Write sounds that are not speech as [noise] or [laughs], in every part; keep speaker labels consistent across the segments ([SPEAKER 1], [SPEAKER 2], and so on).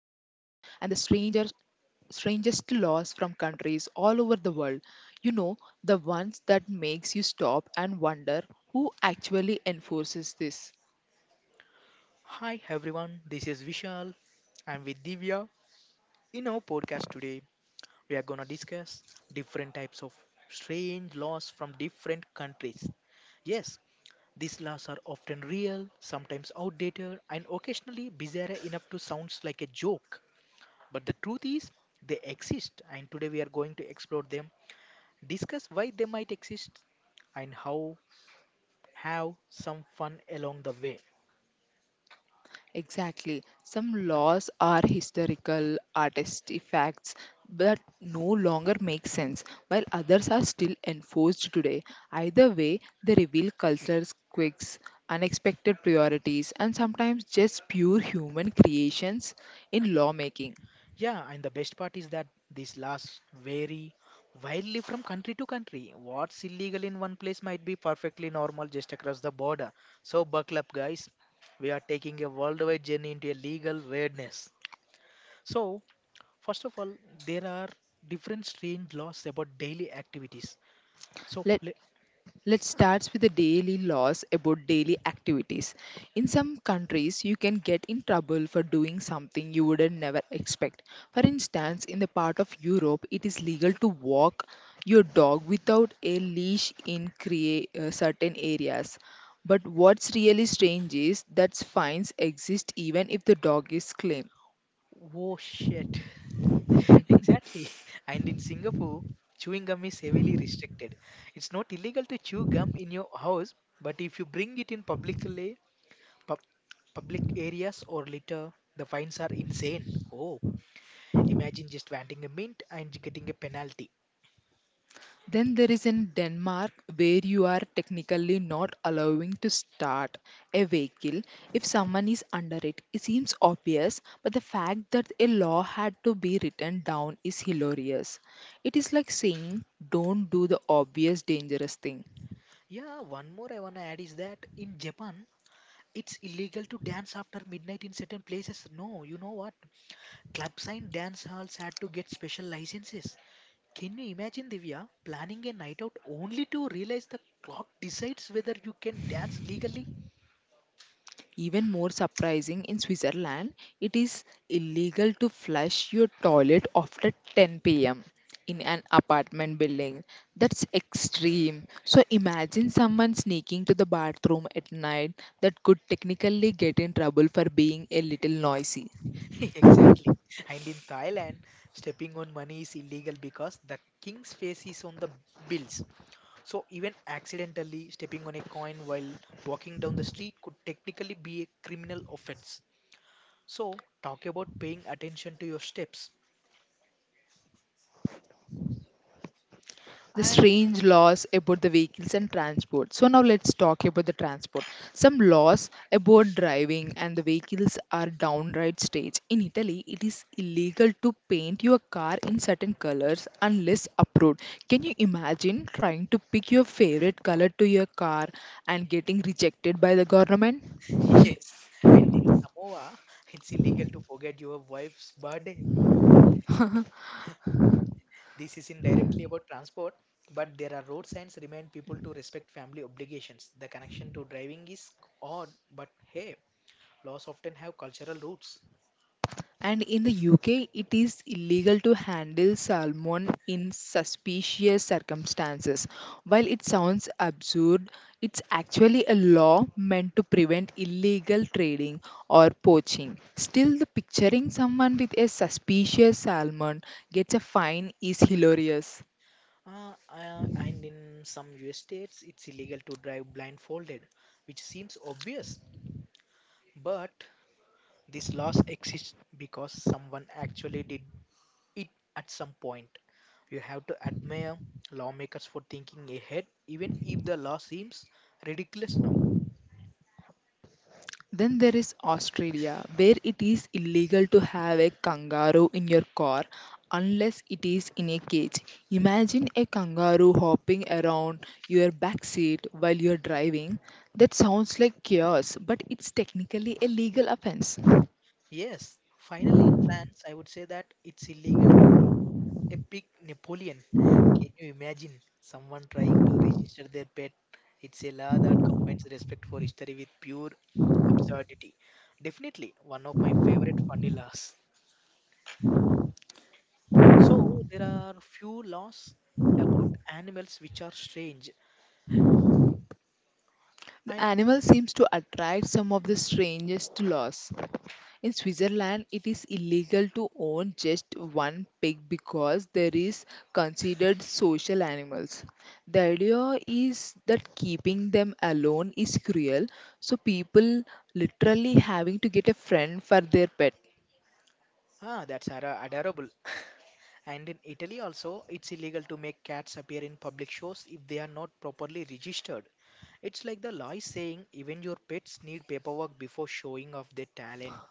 [SPEAKER 1] and the strangers strangest laws from countries all over the world. You know, the ones that makes you stop and wonder who actually enforces this.
[SPEAKER 2] Hi everyone, this is Vishal. I'm with Divya. In our podcast today, we are gonna discuss different types of strange laws from different countries. Yes, these laws are often real, sometimes outdated, and occasionally bizarre enough to sound like a joke. But the truth is, they exist, and today we are going to explore them, discuss why they might exist, and how have some fun along the way.
[SPEAKER 1] Exactly. Some laws are historical artifacts that no longer make sense, while others are still enforced today. Either way, they reveal cultural quirks, unexpected priorities, and sometimes just pure human creations in lawmaking.
[SPEAKER 2] Yeah, and the best part is that these laws vary wildly from country to country. What's illegal in one place might be perfectly normal just across the border. So, buckle up, guys. We are taking a worldwide journey into a legal weirdness. So, first of all, there are different strange laws about daily activities. So,
[SPEAKER 1] Let Let's start with the daily laws about daily activities. In some countries, you can get in trouble for doing something you would never expect. For instance, in the part of Europe, it is legal to walk your dog without a leash in certain areas. But what's really strange is that fines exist even if the dog is clean.
[SPEAKER 2] oh shit. Exactly. [laughs] And in Singapore, chewing gum is heavily restricted. It's not illegal to chew gum in your house, but if you bring it in publicly, pub- public areas or litter, the fines are insane. Oh, imagine just wanting a mint and getting a penalty.
[SPEAKER 1] Then there is in Denmark where you are technically not allowing to start a vehicle if someone is under it. It seems obvious, but the fact that a law had to be written down is hilarious. It is like saying, don't do the obvious dangerous thing.
[SPEAKER 2] Yeah, one more I want to add is that in Japan, it's illegal to dance after midnight in certain places. No, you know what? Clubs and dance halls had to get special licenses. Can you imagine, Divya, planning a night out only to realize the clock decides whether you can dance legally?
[SPEAKER 1] Even more surprising, in Switzerland, it is illegal to flush your toilet after 10 p.m. in an apartment building. That's extreme. So imagine someone sneaking to the bathroom at night that could technically get in trouble for being a little noisy.
[SPEAKER 2] [laughs] exactly. And in Thailand, stepping on money is illegal because the king's face is on the bills. So, even accidentally stepping on a coin while walking down the street could technically be a criminal offense. So, talk about paying attention to your steps.
[SPEAKER 1] The
[SPEAKER 2] And
[SPEAKER 1] strange laws about the vehicles and transport. So now let's talk about the transport. Some laws about driving and the vehicles are downright strange. In Italy, it is illegal to paint your car in certain colors unless approved. Can you imagine trying to pick your favorite color to your car and getting rejected by the government?
[SPEAKER 2] [laughs] yes, and in Samoa, it's illegal to forget your wife's birthday. This is indirectly about transport, but there are road signs remind people to respect family obligations. The connection to driving is odd, but hey, laws often have cultural roots.
[SPEAKER 1] And in the UK, it is illegal to handle salmon in suspicious circumstances. While it sounds absurd, it's actually a law meant to prevent illegal trading or poaching. Still, the picturing someone with a suspicious salmon gets a fine is hilarious.
[SPEAKER 2] And in some US states, it's illegal to drive blindfolded, which seems obvious. But this laws exists because someone actually did it at some point. You have to admire lawmakers for thinking ahead, even if the law seems ridiculous now.
[SPEAKER 1] Then there is Australia, where it is illegal to have a kangaroo in your car unless it is in a cage. Imagine a kangaroo hopping around your back seat while you're driving. That sounds like chaos, but it's technically a legal offense.
[SPEAKER 2] Yes, finally in France, I would say that it's illegal to name a pig Napoleon. Can you imagine someone trying to register their pet? It's a law that combines respect for history with pure absurdity. Definitely one of my favorite funny laws. So there are few laws about animals which are strange
[SPEAKER 1] The
[SPEAKER 2] and
[SPEAKER 1] animal seems to attract some of the strangest laws. In Switzerland, it is illegal to own just one pig because there is considered social animals. The idea is that keeping them alone is cruel, so people literally having to get a friend for their pet.
[SPEAKER 2] that's adorable. And in Italy also, it's illegal to make cats appear in public shows if they are not properly registered. It's like the lie saying even your pets need paperwork before showing off their talent.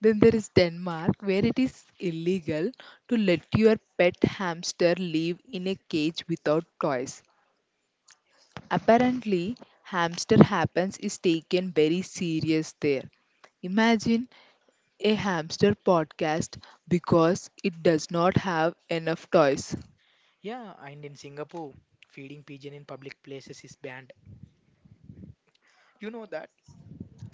[SPEAKER 1] Then there is Denmark, where it is illegal to let your pet hamster live in a cage without toys. Apparently, hamster happens is taken very serious there. Imagine a hamster podcast because it does not have enough toys.
[SPEAKER 2] Yeah, and in Singapore, feeding pigeon in public places is banned. You know that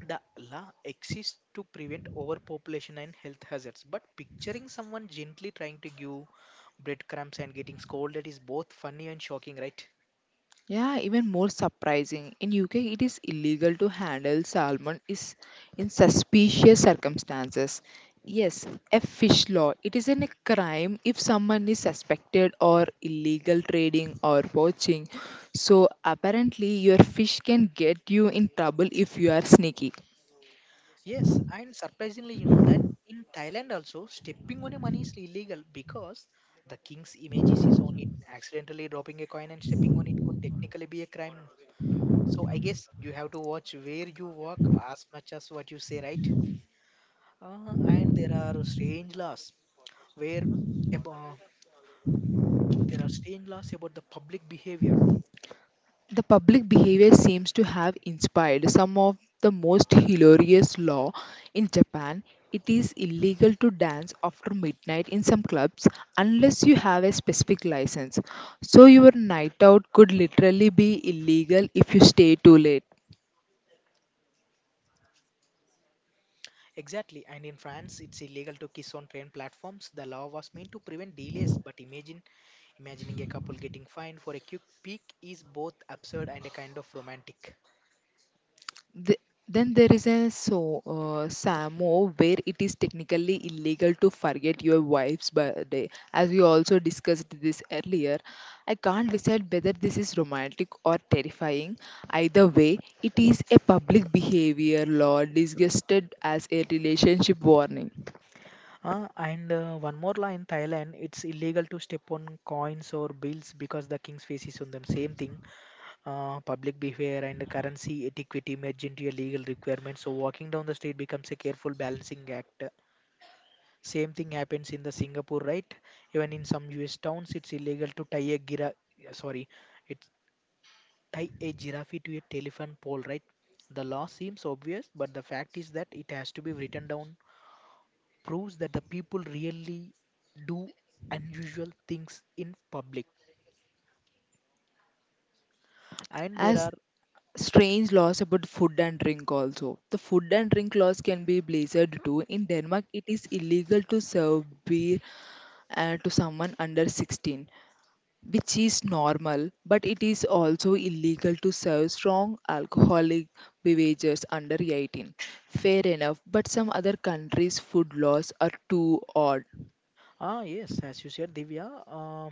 [SPEAKER 2] the law exists to prevent overpopulation and health hazards, but picturing someone gently trying to give breadcrumbs and getting scolded is both funny and shocking, right?
[SPEAKER 1] Yeah, even more surprising. In UK, it is illegal to handle salmon is in suspicious circumstances. Yes, a fish law. It is in a crime if someone is suspected or illegal trading or poaching. So apparently, your fish can get you in trouble if you are sneaky.
[SPEAKER 2] Yes, and surprisingly, you know that in Thailand also, stepping on a money is illegal because the king's image is on it. Accidentally dropping a coin and stepping on it could technically be a crime. So I guess you have to watch where you walk as much as what you say, right? And there are strange laws where about, there are strange laws about the public behavior.
[SPEAKER 1] The public behavior seems to have inspired some of the most hilarious law in Japan. It is illegal to dance after midnight in some clubs unless you have a specific license. So your night out could literally be illegal if you stay too late.
[SPEAKER 2] Exactly, and in France, it's illegal to kiss on train platforms. The law was meant to prevent delays, but imagine imagining a couple getting fined for a quick peek is both absurd and a kind of romantic.
[SPEAKER 1] The, then there is a Samo where it is technically illegal to forget your wife's birthday. As we also discussed this earlier, I can't decide whether this is romantic or terrifying. Either way, it is a public behavior law disgusted as a relationship warning.
[SPEAKER 2] And one more law in Thailand, it's illegal to step on coins or bills because the king's face is on them. Same thing, public behavior and currency etiquette merge into a legal requirement. So walking down the street becomes a careful balancing act. Same thing happens in the Singapore, right? Even in some U.S. towns, it's illegal to tie a gira. Sorry, it's tie a giraffe to a telephone pole, right? The law seems obvious, but the fact is that it has to be written down, proves that the people really do unusual things in public. And there
[SPEAKER 1] As
[SPEAKER 2] are,
[SPEAKER 1] strange laws about food and drink also. The food and drink laws can be blizzard too. In Denmark, it is illegal to serve beer to someone under 16. Which is normal, but it is also illegal to serve strong alcoholic beverages under 18. Fair enough, but some other countries' food laws are too odd.
[SPEAKER 2] ah, yes, as you said, Divya, uh,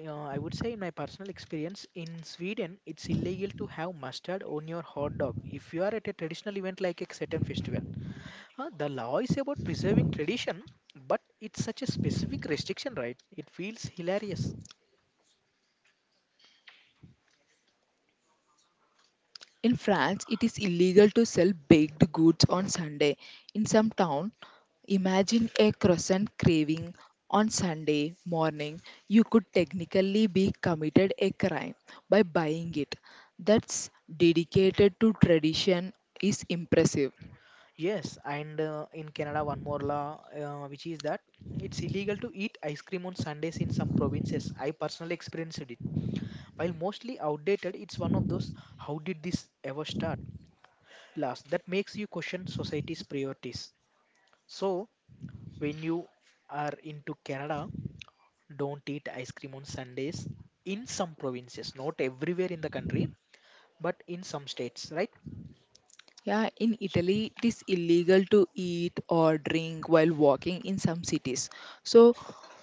[SPEAKER 2] uh, I would say in my personal experience, in Sweden, it's illegal to have mustard on your hot dog if you are at a traditional event like a certain festival. The law is about preserving tradition, but it's such a specific restriction, right? It feels hilarious.
[SPEAKER 1] In France, it is illegal to sell baked goods on Sunday. In some town, imagine a croissant craving on Sunday morning. You could technically be committed a crime by buying it. That's dedicated to tradition is impressive.
[SPEAKER 2] Yes, and in Canada, one more law, which is that it's illegal to eat ice cream on Sundays in some provinces. I personally experienced it. While mostly outdated, it's one of those how did this ever start? Last, that makes you question society's priorities. So, when you are into Canada, don't eat ice cream on Sundays in some provinces, not everywhere in the country, but in some states, right?
[SPEAKER 1] Yeah, in Italy, it is illegal to eat or drink while walking in some cities. So,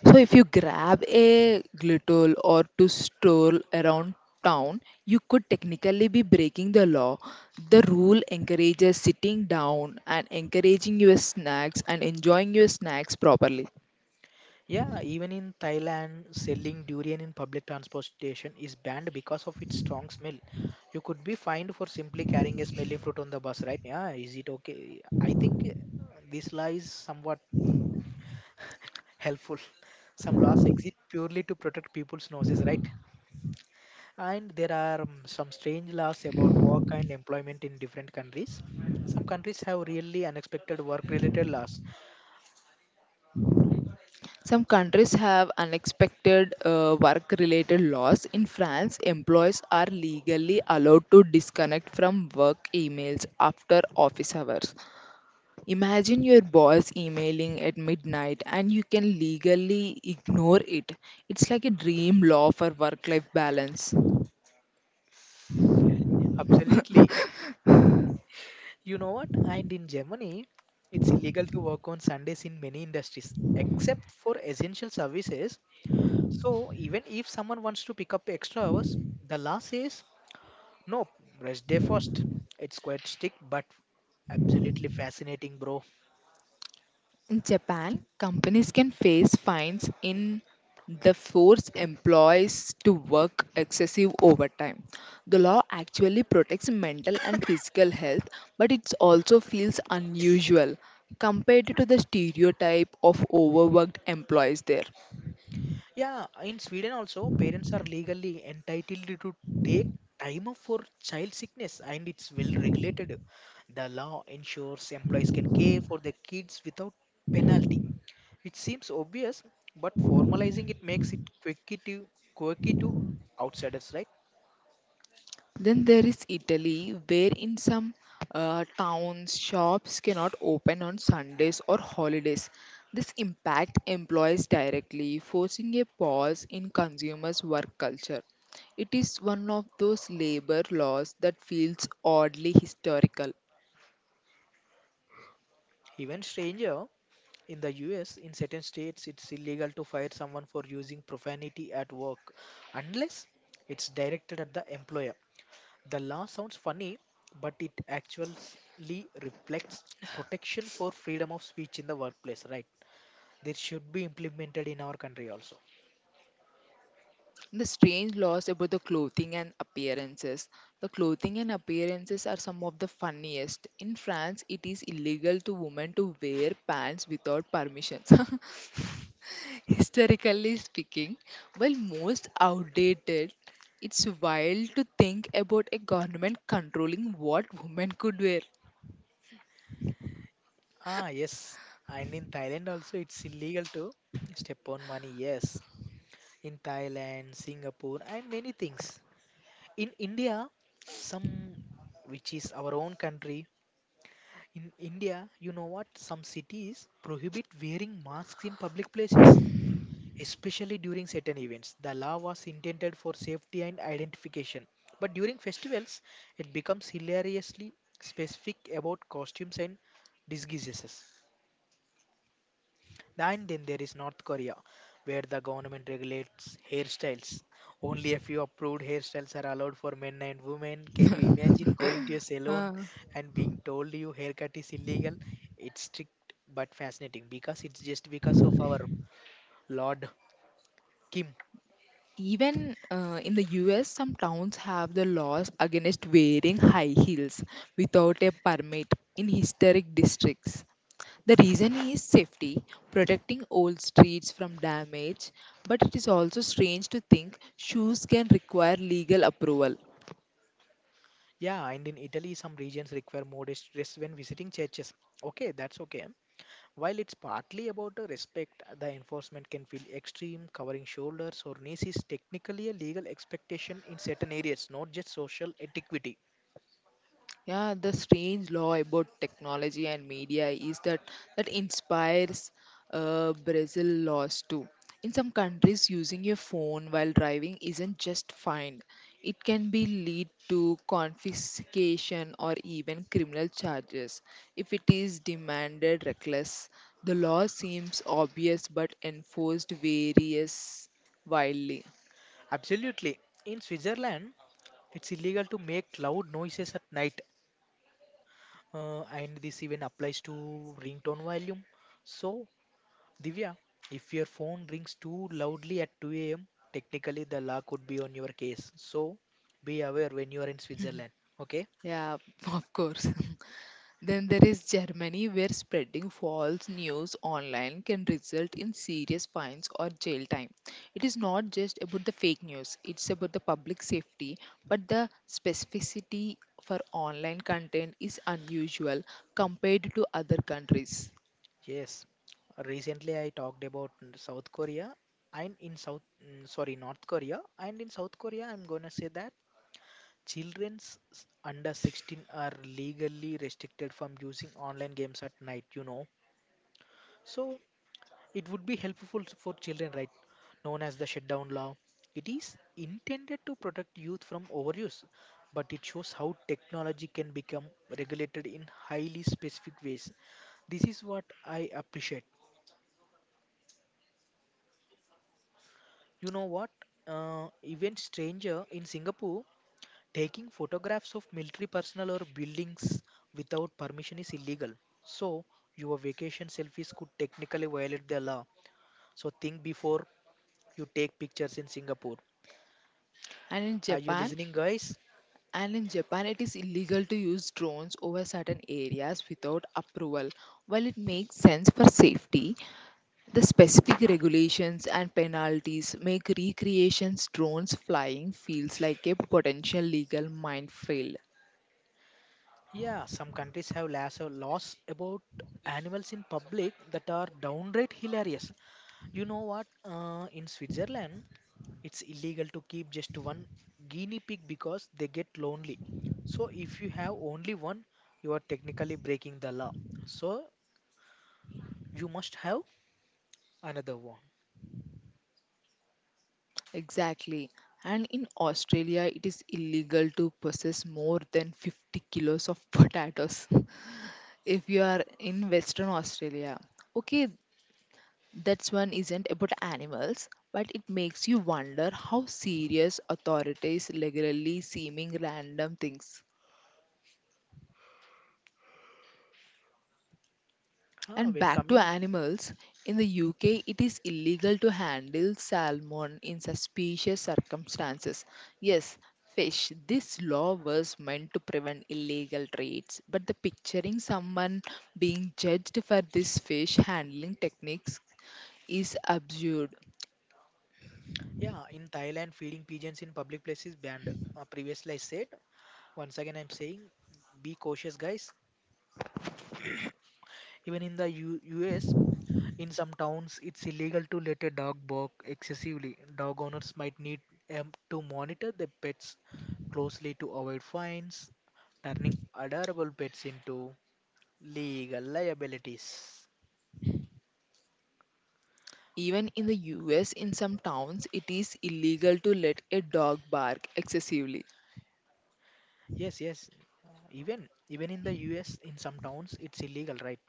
[SPEAKER 1] so if you grab a glittle or to stroll around town, you could technically be breaking the law. The rule encourages sitting down and encouraging your snacks and enjoying your snacks properly.
[SPEAKER 2] Yeah, even in Thailand, selling durian in public transportation is banned because of its strong smell. You could be fined for simply carrying a smelly fruit on the bus, right? Yeah, is it okay? I think this law is somewhat [laughs] helpful. Some laws exist purely to protect people's noses, right? And there are some strange laws about work and employment in different countries. Some countries have really unexpected work related laws.
[SPEAKER 1] Some countries have unexpected work related laws. In France, employees are legally allowed to disconnect from work emails after office hours. Imagine your boss emailing at midnight and you can legally ignore it. It's like a dream law for work life balance.
[SPEAKER 2] Absolutely. You know what? And in Germany, it's illegal to work on Sundays in many industries, except for essential services. So even if someone wants to pick up extra hours, the law says no, rest day first. It's quite strict, but absolutely fascinating, bro.
[SPEAKER 1] In Japan, companies can face fines in the force employees to work excessive overtime. The law actually protects mental and physical health, but it also feels unusual compared to the stereotype of overworked employees there.
[SPEAKER 2] Yeah, in Sweden also, parents are legally entitled to take time off for child sickness, and it's well regulated. The law ensures employees can care for their kids without penalty. It seems obvious, but formalizing it makes it quirky to outsiders, right?
[SPEAKER 1] Then there is Italy, where in some towns shops cannot open on Sundays or holidays. This impact employees directly, forcing a pause in consumers' work culture. It is one of those labor laws that feels oddly historical.
[SPEAKER 2] Even stranger in the US, in certain states, it's illegal to fire someone for using profanity at work unless it's directed at the employer. The law sounds funny, but it actually reflects protection for freedom of speech in the workplace, right? This should be implemented in our country also.
[SPEAKER 1] The strange laws about the clothing and appearances. The clothing and appearances are some of the funniest. In France, it is illegal to women to wear pants without permissions. [laughs] Historically speaking, well, most outdated, it's wild to think about a government controlling what women could wear.
[SPEAKER 2] Ah, yes. And in Thailand also, it's illegal to step on money. Yes, in Thailand, Singapore, and many things. In India, some which is our own country, in India, you know what? Some cities prohibit wearing masks in public places, especially during certain events. The law was intended for safety and identification, but during festivals, it becomes hilariously specific about costumes and disguises. And then there is North Korea, where the government regulates hairstyles. Only a few approved hairstyles are allowed for men and women. Can you imagine going to a salon
[SPEAKER 1] Uh,
[SPEAKER 2] and being told your haircut is illegal? It's strict but fascinating because it's just because of our Lord Kim.
[SPEAKER 1] Even in the US, some towns have the laws against wearing high heels without a permit in historic districts. The reason is safety, protecting old streets from damage, but it is also strange to think shoes can require legal approval.
[SPEAKER 2] Yeah, and in Italy, some regions require modest dress when visiting churches. Okay, that's okay. While it's partly about respect, the enforcement can feel extreme, covering shoulders or knees is technically a legal expectation in certain areas, not just social etiquette.
[SPEAKER 1] Yeah, the strange law about technology and media is that that inspires Brazil laws too. In some countries, using your phone while driving isn't just fined; it can be lead to confiscation or even criminal charges if it is demanded reckless. The law seems obvious but enforced varies wildly.
[SPEAKER 2] Absolutely. In Switzerland, it's illegal to make loud noises at night, and this even applies to ringtone volume. So, Divya, if your phone rings too loudly at 2 a.m., technically the law could be on your case. So, be aware when you are in Switzerland. Okay.
[SPEAKER 1] Yeah, [laughs] of course. Then there is Germany, where spreading false news online can result in serious fines or jail time. It is not just about the fake news, it's about the public safety, but the specificity for online content is unusual compared to other countries.
[SPEAKER 2] Yes, recently I talked about South Korea and in North Korea and in South Korea, I'm gonna say that under 16 are legally restricted from using online games at night, you know. So it would be helpful for children, right? Known as the shutdown law. It is intended to protect youth from overuse, but it shows how technology can become regulated in highly specific ways. This is what I appreciate. You know what? Even stranger in Singapore taking photographs of military personnel or buildings without permission is illegal. So your vacation selfies could technically violate the law. So think before you take pictures in Singapore.
[SPEAKER 1] And in
[SPEAKER 2] Are you
[SPEAKER 1] Japan,
[SPEAKER 2] listening, guys?
[SPEAKER 1] and in Japan, it is illegal to use drones over certain areas without approval. While it makes sense for safety, the specific regulations and penalties make recreations drones flying feels like a potential legal minefield.
[SPEAKER 2] Yeah, some countries have laws about animals in public that are downright hilarious. You know what? In Switzerland, it's illegal to keep just one guinea pig because they get lonely. So if you have only one, you are technically breaking the law. So you must have another one.
[SPEAKER 1] Exactly. And in Australia, it is illegal to possess more than 50 kilos of potatoes [laughs] if you are in Western Australia. Okay, that's one isn't about animals, but it makes you wonder how serious authorities legally seeming random things.
[SPEAKER 2] Huh,
[SPEAKER 1] And
[SPEAKER 2] when
[SPEAKER 1] back to
[SPEAKER 2] coming,
[SPEAKER 1] animals. In the UK, it is illegal to handle salmon in suspicious circumstances. Yes, fish. This law was meant to prevent illegal trades, but the picturing someone being judged for this fish handling techniques is absurd.
[SPEAKER 2] yeah, in Thailand, feeding pigeons in public place is banned. Previously, I said. Once again, I'm saying, be cautious, guys. Even in the U.S., in some towns, it's illegal to let a dog bark excessively. Dog owners might need to monitor their pets closely to avoid fines, turning adorable pets into legal liabilities.
[SPEAKER 1] Even in the US, in some towns, it is illegal to let a dog bark excessively.
[SPEAKER 2] Yes, yes. Even in the US, in some towns, it's illegal, right?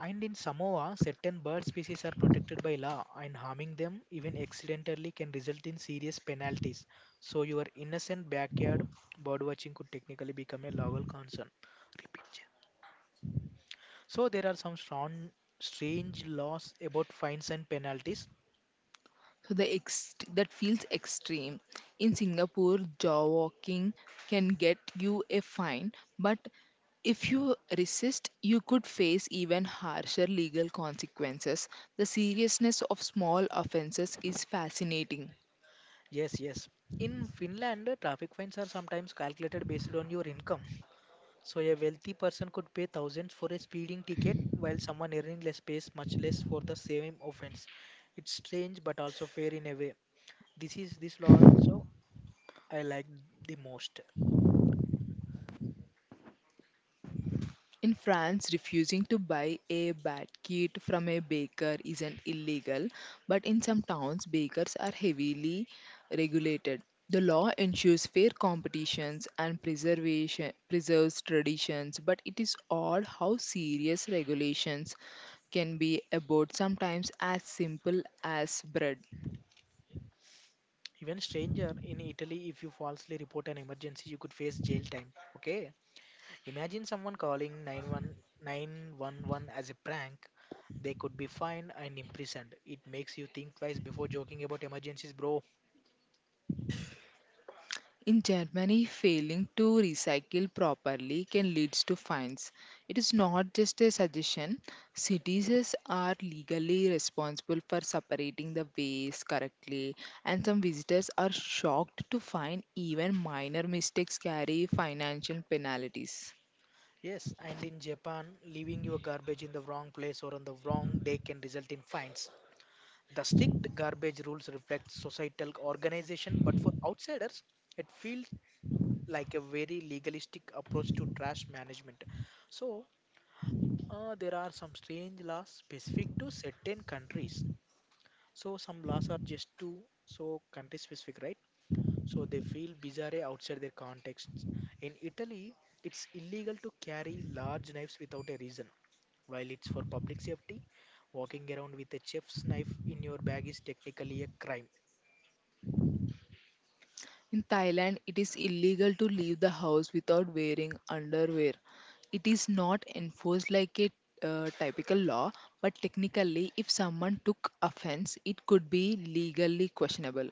[SPEAKER 2] And in Samoa, certain bird species are protected by law, and harming them, even accidentally, can result in serious penalties. So, your innocent backyard bird watching could technically become a legal concern. Repeat. Jay. So, there are some strange laws about fines and penalties.
[SPEAKER 1] So that feels extreme. In Singapore, jaw walking can get you a fine, but if you resist, you could face even harsher legal consequences. The seriousness of small offenses is fascinating.
[SPEAKER 2] Yes, yes. In Finland, traffic fines are sometimes calculated based on your income. So a wealthy person could pay thousands for a speeding ticket while someone earning less pays much less for the same offense. It's strange but also fair in a way. This law also I like the most.
[SPEAKER 1] In France, refusing to buy a bad kit from a baker isn't illegal, but in some towns, bakers are heavily regulated. The law ensures fair competitions and preservation preserves traditions, but it is odd how serious regulations can be about sometimes as simple as bread.
[SPEAKER 2] Even stranger in Italy, if you falsely report an emergency, you could face jail time. Okay. Imagine someone calling 911 as a prank. They could be fined and imprisoned. It makes you think twice before joking about emergencies, bro.
[SPEAKER 1] In Germany, failing to recycle properly can lead to fines. It is not just a suggestion. Cities are legally responsible for separating the waste correctly, and some visitors are shocked to find even minor mistakes carry financial penalties.
[SPEAKER 2] Yes, and in Japan, leaving your garbage in the wrong place or on the wrong day can result in fines. The strict garbage rules reflect societal organization, but for outsiders, it feels like a very legalistic approach to trash management. So, there are some strange laws specific to certain countries. So, some laws are just to so country specific, right? So they feel bizarre outside their contexts. In Italy, it's illegal to carry large knives without a reason. While it's for public safety, walking around with a chef's knife in your bag is technically a crime.
[SPEAKER 1] In Thailand, it is illegal to leave the house without wearing underwear. It is not enforced like a typical law, but technically, if someone took offense, it could be legally questionable.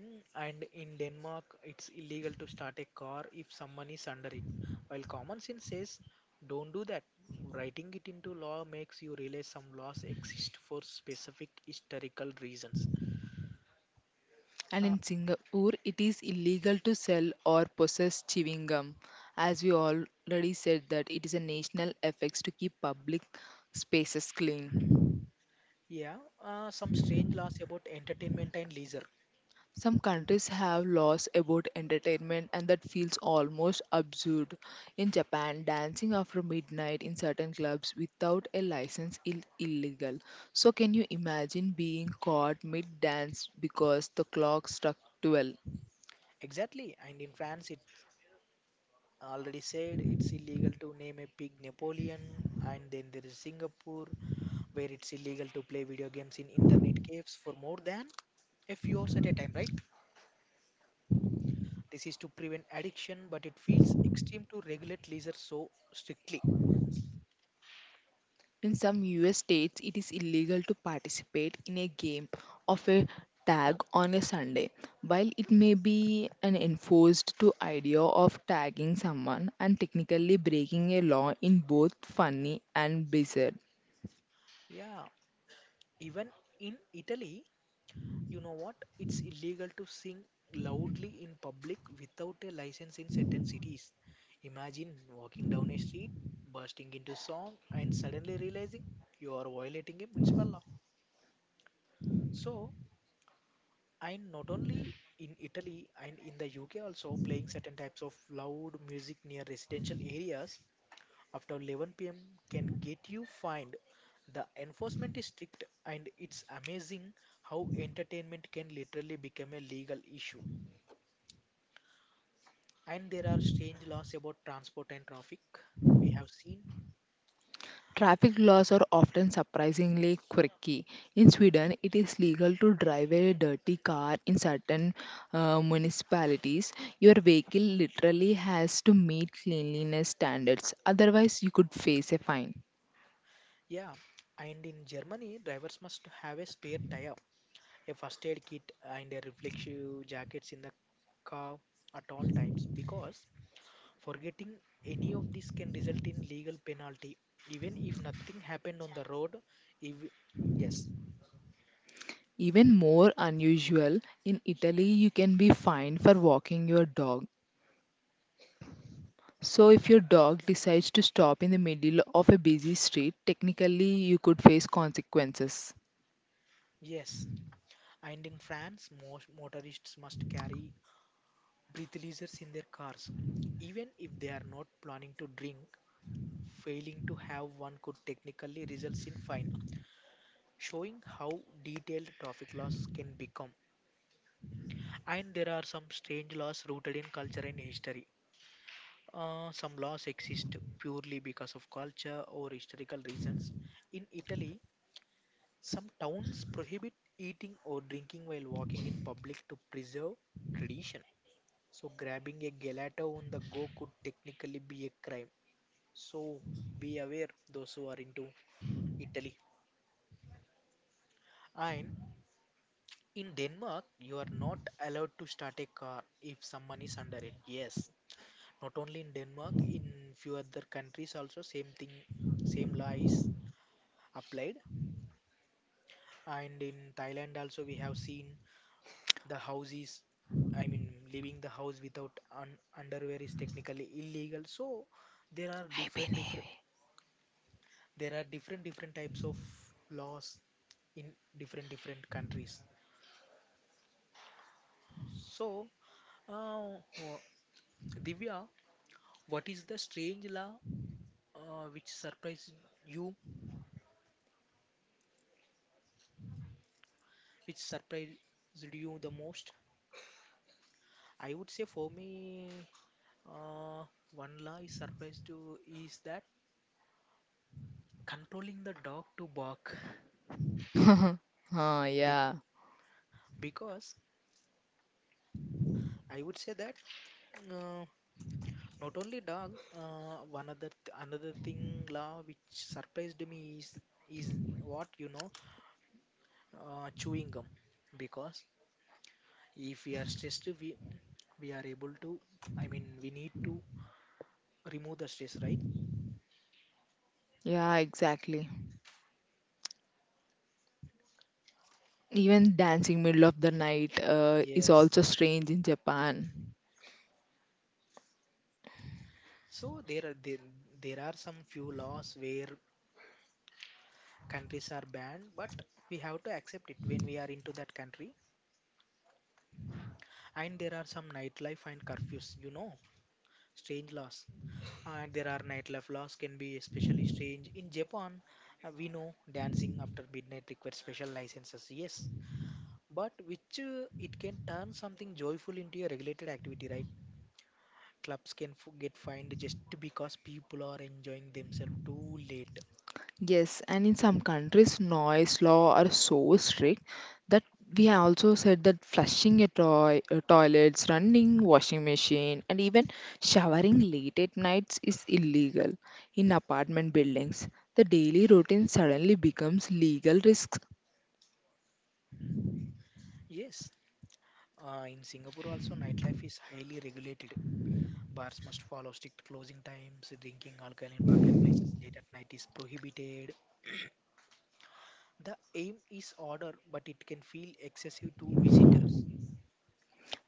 [SPEAKER 2] Mm, and in Denmark, it's illegal to start a car if someone is under it. While common sense says, don't do that. Writing it into law makes you realize some laws exist for specific historical reasons.
[SPEAKER 1] And
[SPEAKER 2] Uh,
[SPEAKER 1] in Singapore, it is illegal to sell or possess chewing gum. As we already said, that it is a national effects to keep public spaces clean.
[SPEAKER 2] yeah, some strange laws about entertainment and leisure.
[SPEAKER 1] Some countries have laws about entertainment and that feels almost absurd. In Japan, dancing after midnight in certain clubs without a license is illegal. So can you imagine being caught mid-dance because the clock struck 12?
[SPEAKER 2] Exactly, and in France, it already said it's illegal to name a pig Napoleon, and then there is Singapore, where it's illegal to play video games in internet caves for more than a few hours at a time, right? This is to prevent addiction, but it feels extreme to regulate leisure so strictly.
[SPEAKER 1] In some US states, it is illegal to participate in a game of a tag on a Sunday. While it may be an enforced to idea of tagging someone and technically breaking a law in both funny and bizarre.
[SPEAKER 2] Yeah, even in Italy, you know what? It's illegal to sing loudly in public without a license in certain cities. Imagine walking down a street, bursting into song, and suddenly realizing you are violating a municipal law. So, and not only in Italy and in the UK also playing certain types of loud music near residential areas after 11 p.m. can get you fined. The enforcement is strict and it's amazing how entertainment can literally become a legal issue. And there are strange laws about transport and traffic. We have seen.
[SPEAKER 1] Traffic laws are often surprisingly quirky. In Sweden, it is legal to drive a dirty car in certain municipalities. Your vehicle literally has to meet cleanliness standards, otherwise, you could face a fine.
[SPEAKER 2] Yeah. And in Germany, drivers must have a spare tire, a first aid kit, and a reflective jackets in the car at all times, because forgetting any of this can result in legal penalty even if nothing happened on the road. If yes,
[SPEAKER 1] Even more unusual, in Italy, you can be fined for walking your dog. So, if your dog decides to stop in the middle of a busy street, technically you could face consequences.
[SPEAKER 2] yes, and in France most motorists must carry breathalyzers in their cars even if they are not planning to drink. Failing to have one could technically result in fine, showing how detailed traffic laws can become. And there are some strange laws rooted in culture and history. Some laws exist purely because of culture or historical reasons. In Italy, some towns prohibit eating or drinking while walking in public to preserve tradition. So, grabbing a gelato on the go could technically be a crime. So, be aware those who are into Italy. And in Denmark, you are not allowed to start a car if someone is under it. Yes, not only in Denmark, in few other countries also same thing, same law is applied. And in Thailand also we have seen the houses, I mean leaving the house without un underwear is technically illegal. So there are
[SPEAKER 1] I
[SPEAKER 2] different
[SPEAKER 1] believe
[SPEAKER 2] different different types of laws in different countries. So uh, Divya, what is the strange law uh, which surprised you, which surprised you the most? I would say for me, uh, one law is surprised to is that controlling the dog to bark.
[SPEAKER 1] it. [laughs] Ah,
[SPEAKER 2] Bec-
[SPEAKER 1] yeah,
[SPEAKER 2] because I would say that uh, not only dog, one other another thing law which surprised me is what you know, chewing gum. Because if we are stressed, we are able to. I mean, we need to remove the stress, right?
[SPEAKER 1] yeah, exactly. Even dancing middle of the night is
[SPEAKER 2] Yes,
[SPEAKER 1] also strange in Japan.
[SPEAKER 2] so there are some few laws where countries are banned, but we have to accept it when we are into that country. And there are some nightlife and curfews, you know, strange laws. And there are nightlife laws can be especially strange in Japan. We know dancing after midnight requires special licenses. Yes, but which it can turn something joyful into a regulated activity, right? Clubs can get fined just because people are enjoying themselves too late.
[SPEAKER 1] Yes, and in some countries, noise law are so strict that we have also said that flushing a toilets, running washing machine, and even showering late at nights is illegal. In apartment buildings, the daily routine suddenly becomes legal risks.
[SPEAKER 2] Yes, in Singapore also nightlife is highly regulated. Bars must follow strict closing times. Drinking alcohol in public places late at night is prohibited. The aim is order, but it can feel excessive to visitors.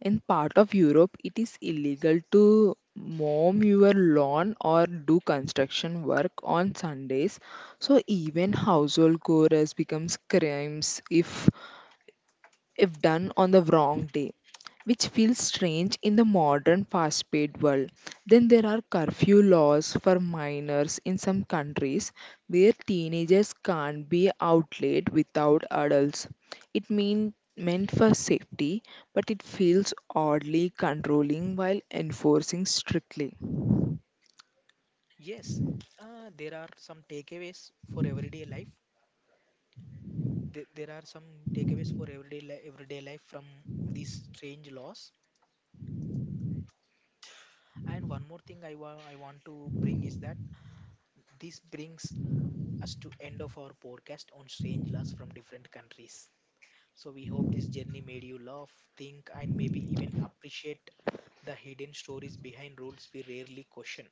[SPEAKER 1] In part of Europe, it is illegal to mow your lawn or do construction work on Sundays. So even household chores becomes crimes if done on the wrong day, which feels strange in the modern fast paced world. Then there are curfew laws for minors in some countries where teenagers can't be out late without adults. It meant for safety, but it feels oddly controlling while enforcing strictly.
[SPEAKER 2] Yes, there are some takeaways for everyday life. There are some takeaways for everyday everyday life from these strange laws. And one more thing I I want to bring is that this brings us to end of our podcast on strange laws from different countries. So, we hope this journey made you laugh, think, and maybe even appreciate the hidden stories behind rules we rarely question.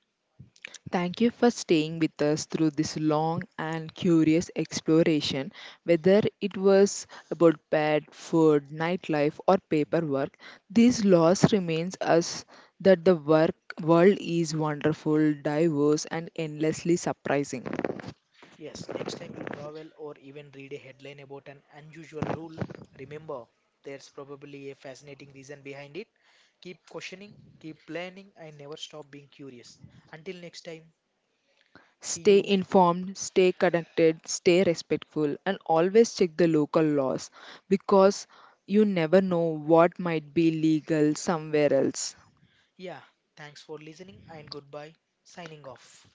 [SPEAKER 1] Thank you for staying with us through this long and curious exploration. Whether it was about pet, food, nightlife, or paperwork, this loss reminds us that the work world is wonderful, diverse, and endlessly surprising.
[SPEAKER 2] Yes, next time you travel or even read a headline about an unusual rule, remember there's probably a fascinating reason behind it. Keep questioning, keep planning, and never stop being curious. Until next time, see
[SPEAKER 1] Stay
[SPEAKER 2] you.
[SPEAKER 1] informed, stay connected, stay respectful, and always check the local laws because you never know what might be legal somewhere else.
[SPEAKER 2] Yeah, thanks for listening and goodbye. Signing off.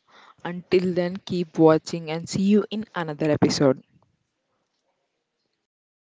[SPEAKER 1] Until then, keep watching and see you in another episode.